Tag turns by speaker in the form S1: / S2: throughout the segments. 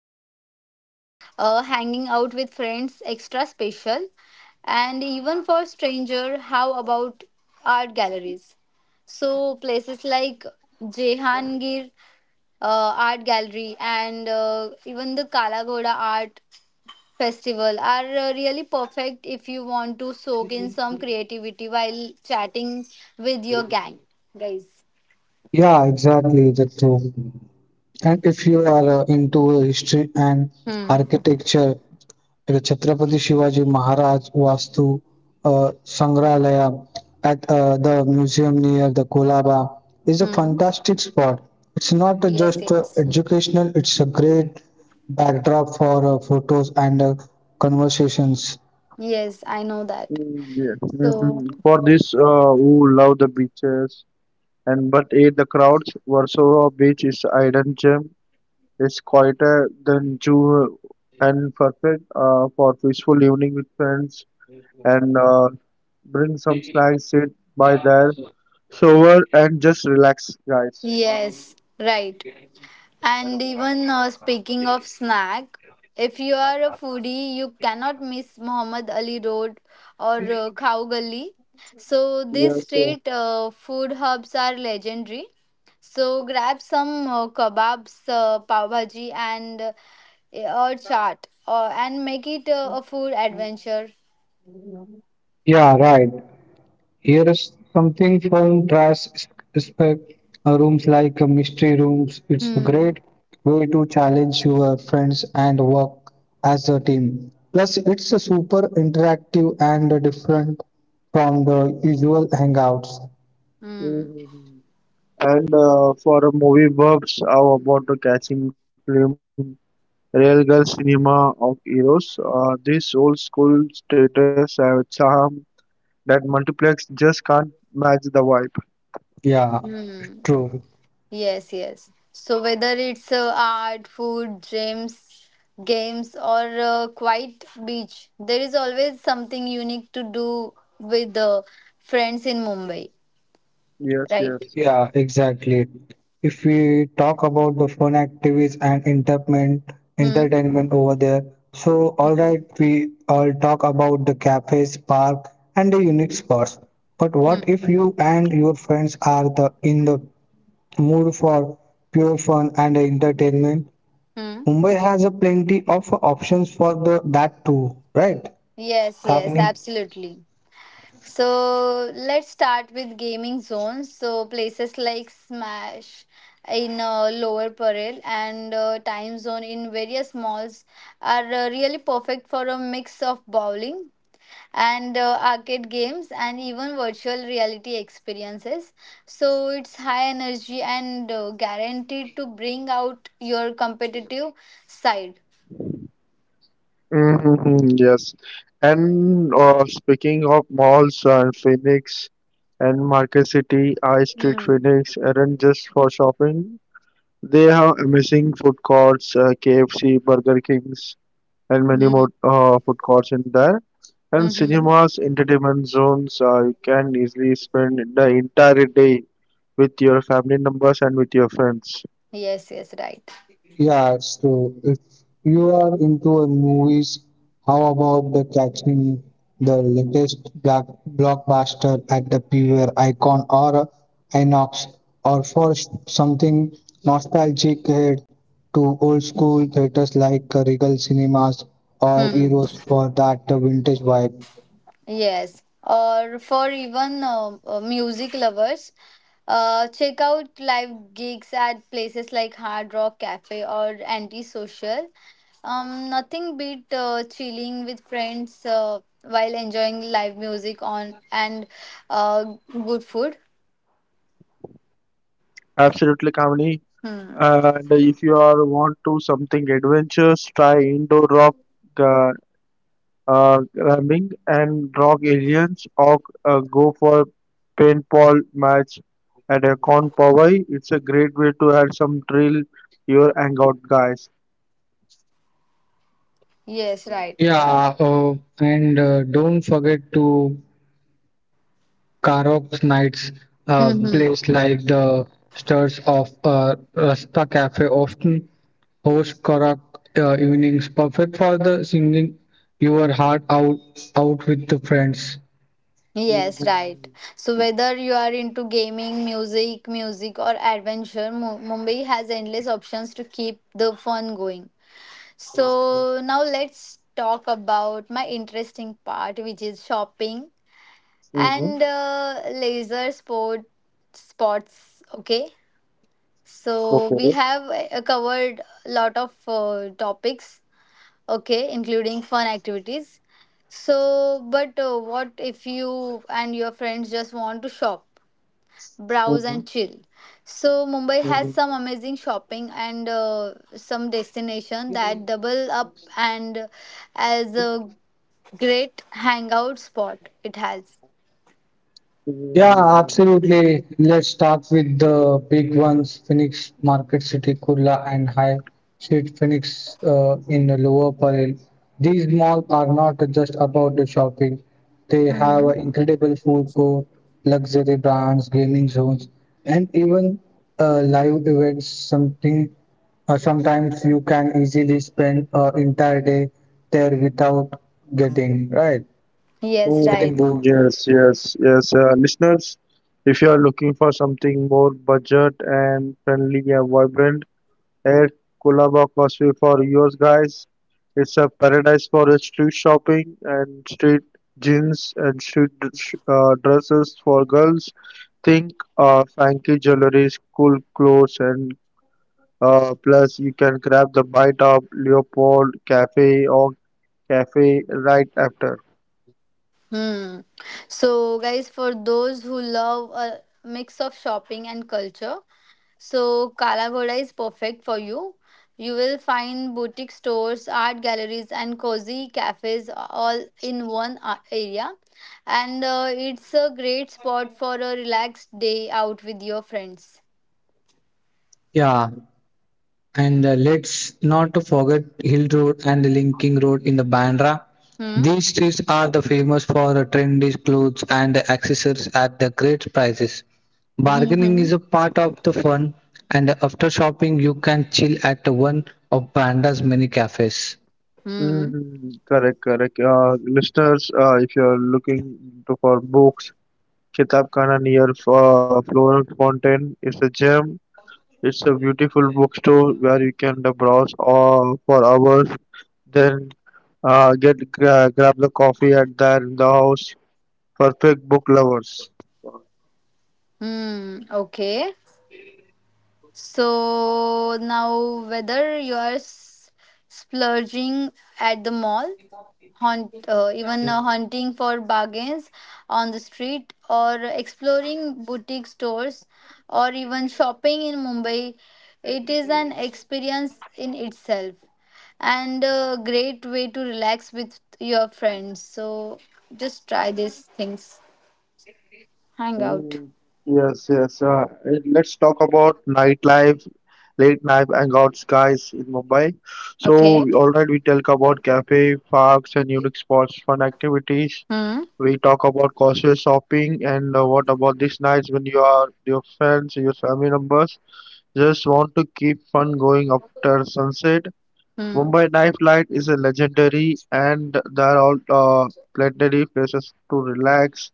S1: that make hanging out with friends extra special. And even for stranger, how about art galleries? So, places like Jehangir Art Gallery and even the Kala Ghoda Art festival are really perfect if you want to soak in some creativity while chatting with your gang guys.
S2: Yeah, exactly. That's true. And if you are into history and
S1: hmm
S2: architecture, like Chhatrapati Shivaji Maharaj Vastu Sangralaya at the museum near the Kolaba is a
S1: hmm
S2: fantastic spot. It's not
S1: yes
S2: just
S1: yes.
S2: educational, it's a great backdrop for photos and conversations.
S1: Yes, I know that.
S3: Yeah. Hmm.
S1: So
S3: For this, who love the beaches and but hate the crowds, Warsaw Beach is hidden gem. It's quieter than Jew and perfect for peaceful evening with friends and bring some snacks, sit by there, shower and just relax, guys.
S1: yes, right. And even speaking of snack, if you are a foodie, you cannot miss Muhammad Ali Road or Khao Gali. So these
S3: Yes, sir.
S1: street food hubs are legendary. So grab some kebabs, pav bhaji, and or chaat, and make it a food adventure.
S2: Yeah, right. Here is something from trash spec rooms like mystery rooms. It's a
S1: Hmm.
S2: great way to challenge your friends and work as a team. Plus, it's a super interactive and different from the usual hangouts.
S1: Hmm.
S3: Mhm. And for movie buffs, how about the catching film Railgun Cinema of Heroes? These old school theaters have a charm that multiplex just can't match the vibe.
S2: Yeah,
S1: Hmm.
S2: true.
S1: Yes, yes. So whether it's art, food, gyms, games, or a quiet beach, there is always something unique to do with the friends in Mumbai,
S3: Yes, yes.
S1: right?
S2: Yeah, exactly. If we talk about the fun activities and entertainment,
S1: Hmm.
S2: entertainment over there, so all right, we all talk about the cafes, park, and the unique spots. But
S1: Hmm.
S2: what if you and your friends are the in the mood for pure fun and entertainment?
S1: Hmm.
S2: Mumbai has a plenty of options for the that too, right,
S1: Yes, yes,
S2: Kamini?
S1: absolutely. So let's start with gaming zones. So places like Smash in Lower Parel and Time Zone in various malls are really perfect for a mix of bowling, and arcade games and even virtual reality experiences. So it's high energy and guaranteed to bring out your competitive side.
S3: Mm-hmm, yes. And speaking of malls and Phoenix and Market City, High Street
S1: mm.
S3: Phoenix aren't just for shopping. They have amazing food courts, KFC, Burger Kings, and many
S1: Mm.
S3: more food courts in there. And
S1: Mm-hmm.
S3: cinemas, entertainment zones, you can easily spend the entire day with your family members and with your friends.
S1: Yes, yes, right.
S2: Yeah, so if you are into a movies, how about the catching the latest black blockbuster at the PVR Icon or INOX, or for something nostalgic, head to old school theaters like Regal Cinemas or
S1: Hmm.
S2: Eros for that vintage vibe?
S1: Yes. Or for even music lovers, check out live gigs at places like Hard Rock Cafe or Antisocial. Nothing beat chilling with friends while enjoying live music on and good food.
S3: Absolutely, Kamini.
S1: Hmm.
S3: And if you are want to something adventurous, try indoor rock uh, climbing and rock aliens, or go for paintball match at a con Powai. It's a great way to add some thrill your hangout, guys.
S1: Yes, right.
S2: Yeah, and don't forget to Karaoke nights,
S1: Mm-hmm.
S2: places like the Stars of Rasta Cafe often host karaoke evenings, perfect for the singing your heart out with the friends.
S1: Yes, right.
S3: Mhm.
S1: So whether you are into gaming, music, music or adventure, Mumbai has endless options to keep the fun going. So now let's talk about my interesting part, which is shopping
S3: Mm-hmm.
S1: and leisure sport spots. Okay.
S3: Okay.
S1: So we have covered a lot of topics, okay, including fun activities. So, but what if you and your friends just want to shop,
S3: Mm-hmm.
S1: browse, and chill? So Mumbai
S3: Mm-hmm.
S1: has some amazing shopping and some destination that double up and as a great hangout spot. It has.
S2: Yeah,
S3: Mm,
S2: absolutely. Let's start with the big ones, Phoenix, Market City, Kurla, and High Street Phoenix in the Lower Parel. These malls are not just about the shopping. They have
S1: hmm
S2: an incredible food court, luxury brands, gaming zones, and even live events, something sometimes you can easily spend an entire day there without getting, right?
S1: Yes,
S2: Getting
S1: right.
S2: bored.
S3: Yes, yes, yes. Listeners, if you are looking for something more budget and friendly and vibrant, at Colaba Causeway for yours, guys. It's a paradise for the street shopping and street jeans and street dresses for girls. Think funky jewelry, cool clothes, and plus you can grab the bite of Leopold Cafe or cafe right after.
S1: Hmm. So, guys, for those who love a mix of shopping and culture, so Kala Ghoda is perfect for you. You will find boutique stores, art galleries, and cozy cafes all in one area. And it's a great spot for a relaxed day out with your friends.
S2: Yeah. And let's not forget Hill Road and Linking Road in the Bandra.
S1: Hmm.
S2: These streets are the famous for trendy clothes and the accessories at the great prices.
S1: Hmm.
S2: Bargaining is
S1: Hmm.
S2: a part of the fun, and after shopping, you can chill at one of Branda's many cafes.
S1: Hmm.
S3: Hmm. Correct, correct. Listeners, if you're looking to, for books, Kitabkhana near Florence Fountain is a gem. It's a beautiful.
S1: Hmm. Okay. So now, whether you are splurging at the mall, hunting for bargains on the street, or exploring boutique stores, or even shopping in Mumbai, it is an experience in itself and a great way to relax with your friends. So just try these things, hang
S3: Mm,
S1: out.
S3: Yes, yes. And let's talk about nightlife, late night hangout skies in Mumbai. So,
S1: Okay.
S3: alright, we talk about cafe, parks, and unique spots, fun activities.
S1: Hmm.
S3: We talk about shopping, and what about these nights when you are your friends, your family members just want to keep fun going after sunset?
S1: Hmm.
S3: Mumbai nightlife is a legendary, and there are plenty places to relax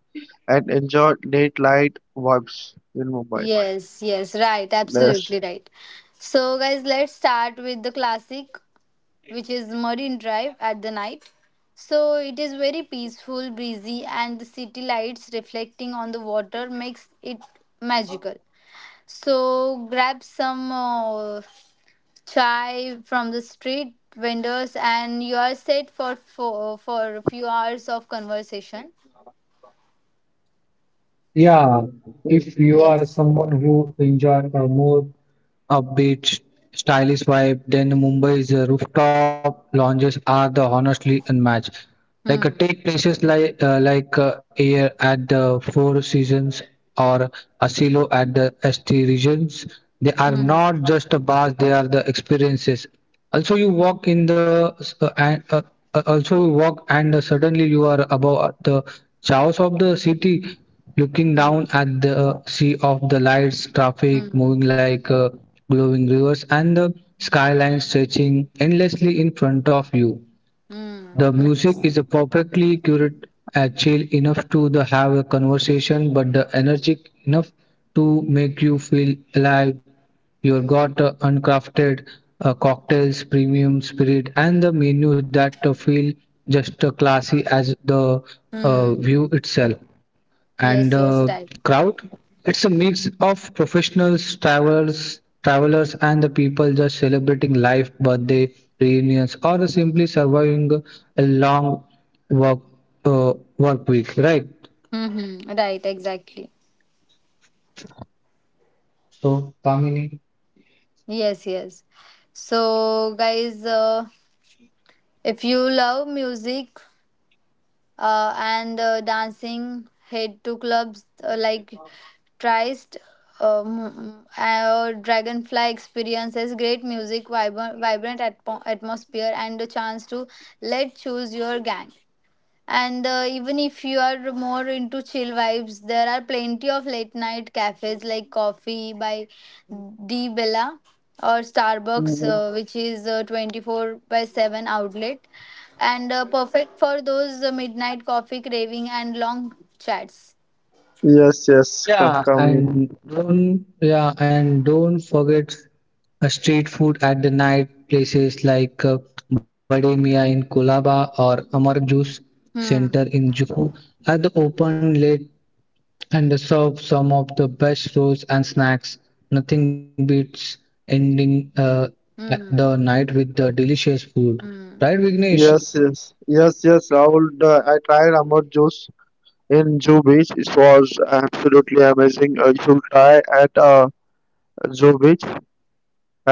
S3: and enjoy late night vibes in Mumbai.
S1: Yes, yes, right, absolutely
S3: Yes.
S1: right. So, guys, let's start with the classic, which is Marine Drive at the night. So, it is very peaceful, breezy, and the city lights reflecting on the water makes it magical. So, grab some chai from the street vendors, and you are set for for a few hours of conversation.
S2: Yeah, if you
S1: Yes.
S2: are someone who enjoy a more upbeat, stylish vibe, then Mumbai's rooftop lounges are the honestly unmatched. Like
S1: Hmm.
S2: take places like air at the four seasons or asilo at the st regions. They are
S1: Hmm.
S2: not just a bars, they are the experiences. Also you walk in the s- and Also you walk and suddenly you are above the chaos of the city, looking down
S1: Hmm.
S2: at the sea of the lights, traffic
S1: Hmm.
S2: moving like glowing rivers and the skyline stretching endlessly in front of you.
S1: Hmm.
S2: The music is
S1: Nice.
S2: a perfectly curated and chill enough to the have a conversation, but the energetic enough to make you feel alive. You've got uncrafted cocktails, premium spirit, and the menu that feel just classy as the
S1: Hmm.
S2: view itself. And
S1: Yes, yes, right.
S2: crowd, it's a mix of professionals, travelers, and the people just celebrating life, birthday reunions, or simply surviving a long work work week, right?
S1: Mm-hmm. Right, exactly.
S2: So, Kamini.
S1: Yes, yes. So, guys, if you love music and dancing, head to clubs like Trist or Dragonfly experiences great music, vibrant atmosphere, and a chance to let choose your gang. And even if you are more into chill vibes, there are plenty of late night cafes like Coffee by D Bella or Starbucks,
S3: Mhm.
S1: which is a 24 by 7 outlet and perfect for those midnight coffee craving and long chats.
S3: Yes, yes, come.
S2: Yeah, and don't forget a street food at the night, places like Bade Mia in Kolaba or Amar Juice Center
S1: Hmm.
S2: in Juhu are the open late and serve some of the best rolls and snacks. Nothing beats ending the
S1: Hmm.
S2: night with the delicious food. Right,
S1: Hmm.
S2: Vignesh?
S3: Yes, yes, yes, yes, Rahul. The, I tried Amar juice in Zoo Beach. It was absolutely amazing. You should try at Zoo Beach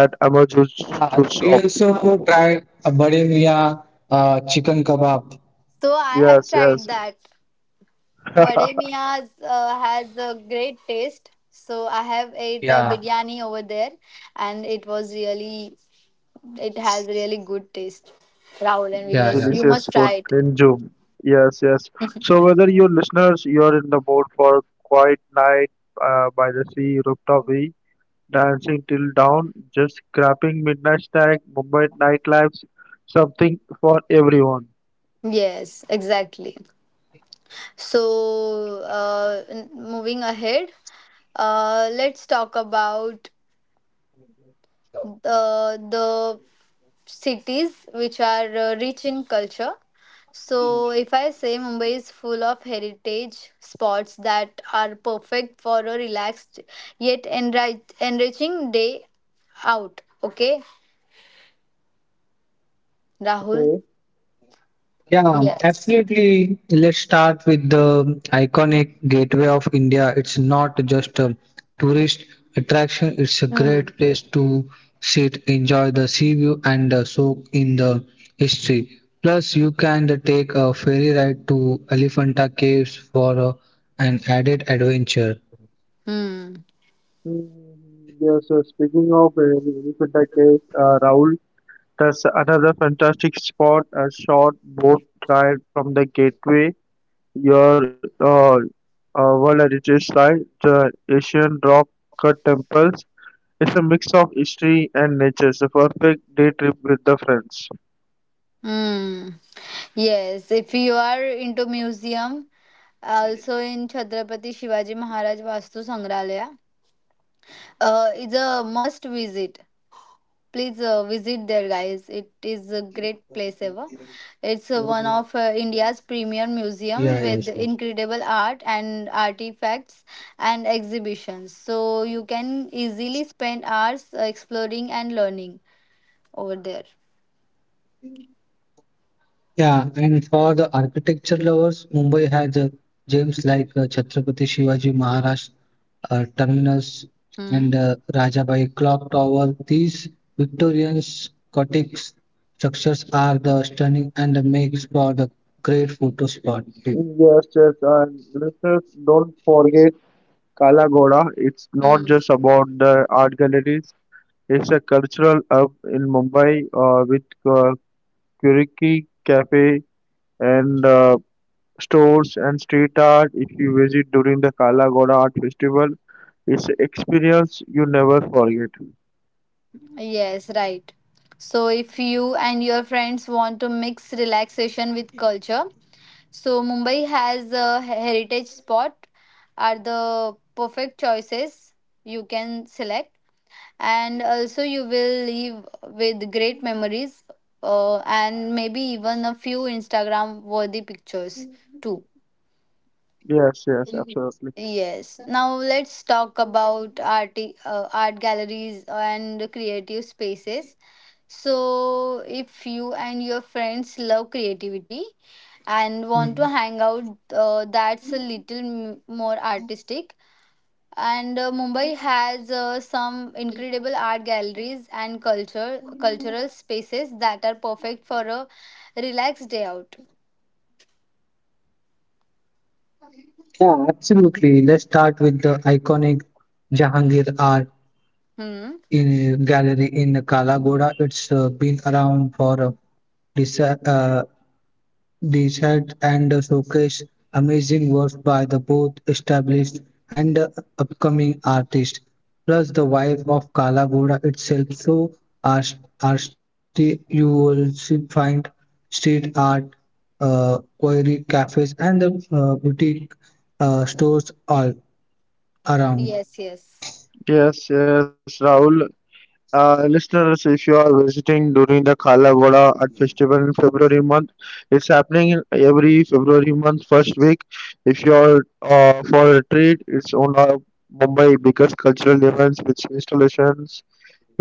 S3: at Amar juice
S2: Yeah,
S3: juice
S2: we
S3: shop.
S2: also could try a bulimia chicken kebab.
S1: So I have
S3: Yes, yes.
S1: tried that. Bade Mia's has a great taste. So I have ate
S2: Yeah.
S1: biryani over there and it was really. It has really good taste. Rahul and
S2: Yeah,
S1: Vignesh, you
S2: yeah.
S3: Delicious
S1: must
S3: food
S1: try it.
S3: in Zoom. Yes, yes. So whether you listeners, you're in the mood for quiet night by the sea, rooftop view, dancing till dawn, just grabbing midnight snack, Mumbai nightlife's something for everyone.
S1: Yes, exactly. So, moving ahead, let's talk about the cities which are rich in culture. So, if I say Mumbai is full of heritage spots that are perfect for a relaxed yet enriching day out. Okay, Rahul?
S2: Yeah,
S1: Yes.
S2: absolutely. Let's start with the iconic Gateway of India. It's not just a tourist attraction, it's a great place to sit, enjoy the sea view, and soak in the history. Plus, you can take a ferry ride to Elephanta Caves for an added adventure.
S1: Hmm.
S3: Mm, Yes, so speaking of Elephanta Cave, Raul, that's another fantastic spot, a short boat ride from the gateway. Your World Heritage Site, the Asian rock cut temples. It's a mix of history and nature. It's a perfect day trip with the friends.
S1: Hmm. Yes, if you are into museum, also in Chhatrapati Shivaji Maharaj Vastu Sangralaya, it's a must visit. Please visit there, guys. It is a great place ever. It's
S2: Yeah,
S1: one
S3: Mhm.
S2: yes.
S1: of India's premier museum with incredible art and artifacts and exhibitions. So you can easily spend hours exploring and learning over there.
S2: Yeah, and for the architecture lovers, Mumbai has gems like Chhatrapati Shivaji Maharaj Terminus and Rajabai
S1: Hmm.
S2: Clock Tower. These Victorian Gothic structures are the stunning and the makes for the great photo spot too.
S3: Yes, yes, and listeners, don't forget Kalagoda. It's not
S1: Hmm.
S3: just about the art galleries. It's a cultural hub in Mumbai with Kuriki Cafe and stores and street art. If you visit during the Kala Ghoda Art Festival, it's experience you never forget.
S1: Yes, right. So, if you and your friends want to mix relaxation with culture, so Mumbai has a heritage spot are the perfect choices you can select, and also you will leave with great memories, and maybe even a few Instagram worthy pictures too.
S3: Yes, yes, absolutely.
S1: Yes. Now let's talk about art, art galleries and creative spaces. So, if you and your friends love creativity
S3: Mhm.
S1: and want to hang out, that's a little more artistic. And Mumbai has some incredible art galleries and culture cultural spaces that are perfect for a relaxed day out.
S2: Yeah, absolutely. Let's start with the iconic Jahangir Art in Gallery in
S1: Hmm.
S2: Kalagoda. It's been around for dec- uh, the set and showcase amazing works by the both established and upcoming artists. Plus the vibe of Kala Ghoda itself. So art, arty you will find street art, quarry cafes and the boutique stores all around.
S1: Yes. Yes.
S3: Yes, yes, Rahul. Listeners, if you are visiting during the Kalagoda Art Festival in February month, it's happening in every February month first week. If you are for a treat, it's one of Mumbai biggest cultural events with installations,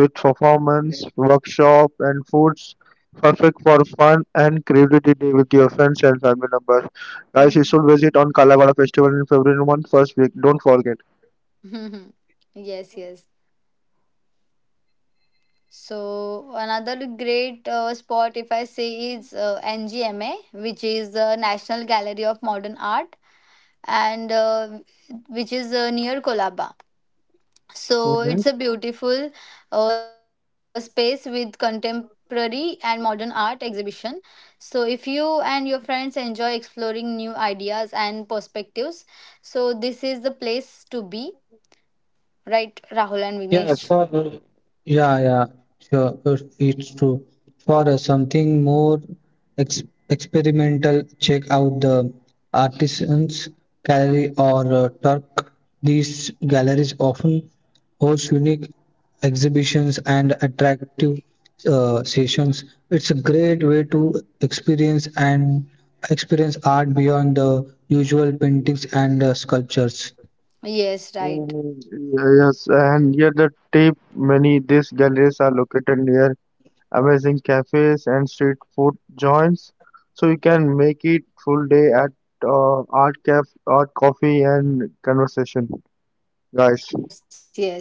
S3: with performance, workshop, and foods. Perfect for fun and creativity with your friends and family members.
S1: Hmm.
S3: Guys, you should visit on Kalagoda Festival in February month first week. Don't forget.
S1: yes. Yes. So another great spot, if I say, is NGMA, which is the National Gallery of Modern Art, and which is near Kolaba. So it's a
S3: Mm-hmm.
S1: beautiful space with contemporary and modern art exhibition. So if you and your friends enjoy exploring new ideas and perspectives, so this is the place to be, right,
S2: Yeah,
S1: Rahul and
S2: for
S1: Vignesh?
S2: yeah, sure, it's true. For something more ex experimental, check out the Artisans Gallery or Turk. These galleries often host unique exhibitions and attractive sessions. It's a great way to experience art beyond the usual paintings and sculptures.
S1: Yes, right.
S3: Mm-hmm. Yes, and near the tip, many these galleries are located near amazing cafes and street food joints. So you can make it full day at art coffee and conversation, guys.
S1: Yes, yes.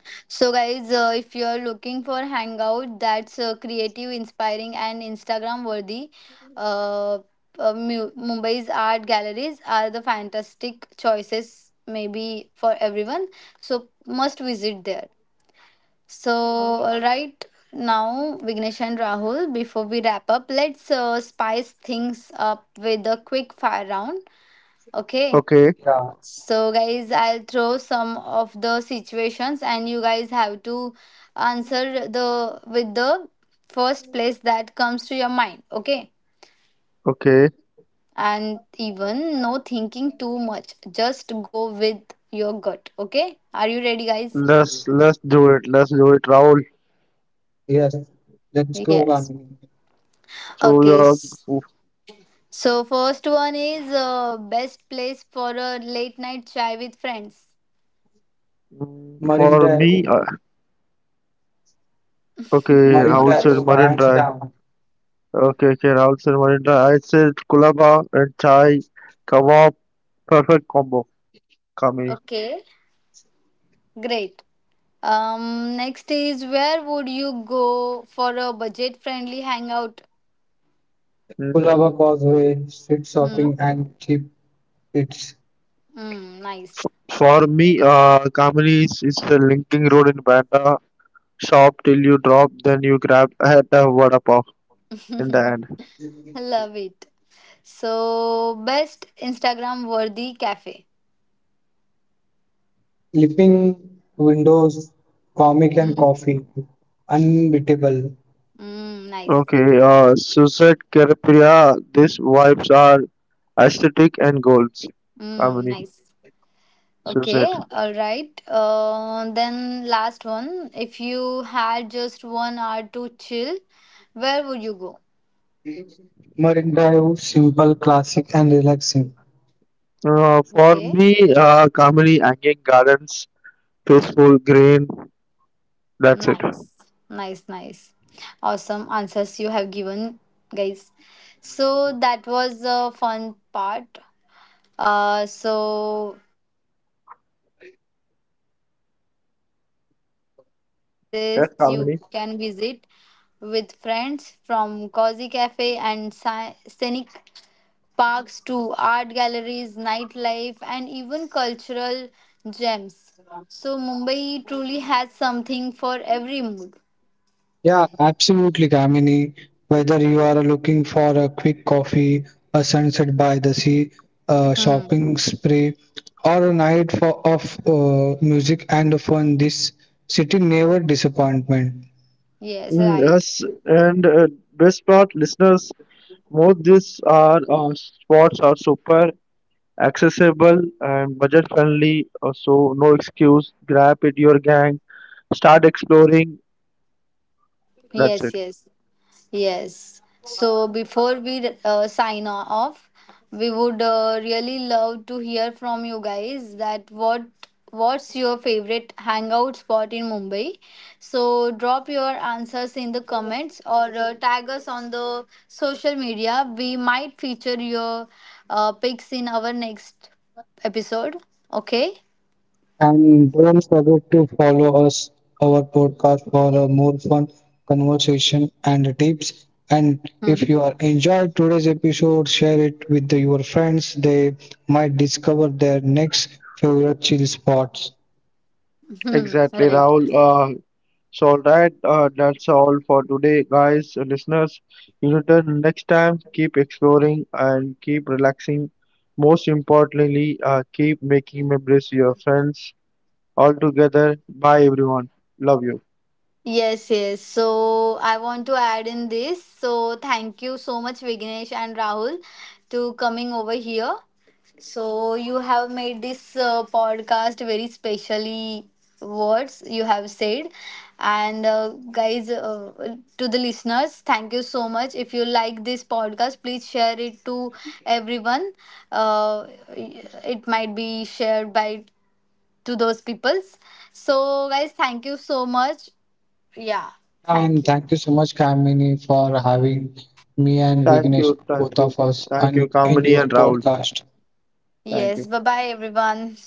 S1: So, guys, if you're looking for hangout that's creative, inspiring, and Instagram worthy, uh, Mumbai's art galleries are the fantastic choices, maybe for everyone. So, must visit there. So, all right, now Vignesh and Rahul, before we wrap up, let's spice things up with a quick fire round. Okay,
S3: Okay,
S1: so, guys, I'll throw some of the situations, and you guys have to answer the with the first place that comes to your mind, okay?
S3: okay.
S1: And even no thinking too much, just go with your gut, okay? Are you ready, guys?
S3: Let's do it. Let's do it, Rahul.
S2: Yes, let's go
S1: Yes.
S2: on.
S3: So
S1: Okay.
S3: yeah,
S1: So, first one is best place for a late night chai with friends.
S3: mm,
S2: Marine
S3: for
S2: Drive,
S3: me, okay.
S2: Marine
S1: Don't
S3: Rahul said
S1: rush.
S2: Drive,
S3: Marine
S2: hands
S3: Drive.
S2: down.
S3: Okay, okay. Rahul said Marine Drive. I said Kulaba and chai, kebab. Perfect combo, Kami.
S1: Okay, great. Next is where would you go for a budget-friendly hangout?
S2: Kulava
S3: Mm.
S2: Causeway, street shopping
S1: Hmm.
S2: and cheap eats.
S1: Mm, nice.
S3: For me, Kamini is the linking road in Banda. Shop till you drop, then you grab at the water pav in the end.
S1: Love it. So, best Instagram-worthy cafe.
S2: Sleeping windows, comic and
S1: hmm
S2: coffee. Unbeatable.
S1: Mm, nice.
S3: Okay, Suzette Karapriya, these vibes are aesthetic and goals.
S1: Mm,
S3: Kamini,
S1: nice. Okay.
S3: Suzette.
S1: All right. Then last one. If you had just 1 hour to chill, where would you go?
S2: Marine Drive, simple, classic and relaxing.
S3: For
S1: Okay.
S3: me, Kamini, Anging Gardens, peaceful, green, that's it.
S1: Nice, nice, nice. Awesome answers you have given, guys. So that was a fun part. So I think that was a fantastic ride through all the amazing
S3: Yes,
S1: places you
S3: Kamini.
S1: can visit with friends from cozy cafe and scenic parks to art galleries, nightlife, and even cultural gems. So Mumbai truly has something for every mood.
S2: Yeah, absolutely, Kamini. Whether you are looking for a quick coffee, a sunset by the sea, a
S1: Hmm.
S2: shopping spree, or a night for, of music and fun, this city never disappointment.
S1: Yes,
S3: Yes,
S1: right.
S3: and best part, listeners, most these are spots are super accessible and budget friendly. So no excuse. Grab it, your gang. Start exploring.
S1: Yes,
S3: That's it.
S1: yes, yes. So before we sign off, we would really love to hear from you guys that what's your favorite hangout spot in Mumbai? So drop your answers in the comments or tag us on the social media. We might feature your pics in our next episode. Okay.
S2: And don't forget to follow us our podcast for a more fun conversation and tips. And
S1: Hmm.
S2: if you are enjoyed today's episode, share it with your friends. They might discover their next favorite chill spots.
S3: Exactly,
S1: right.
S3: Rahul. So, all right, that's all for today, guys, listeners. You return next time. Keep exploring and keep relaxing. Most importantly, keep making memories with your friends all together. Bye, everyone. Love you.
S1: Yes, yes. So I want to add in this. So thank you so much, Vignesh and Rahul, to coming over here. So you have made this podcast very specially words you have said, and guys to the listeners, thank you so much. If you like this podcast, please share it to everyone. uh, it might be shared by to those peoples. So guys, thank you so much. Yeah.
S2: And
S1: Thank you.
S2: thank you so much, Kamini, for having me and
S3: Thank you,
S2: Vignesh, both
S3: thank you,
S2: of us,
S3: thank
S2: on
S3: you,
S2: in
S3: Kamini
S2: your
S3: and Rahul.
S2: podcast.
S3: Thank
S1: Yes.
S3: you.
S1: Bye bye, everyone.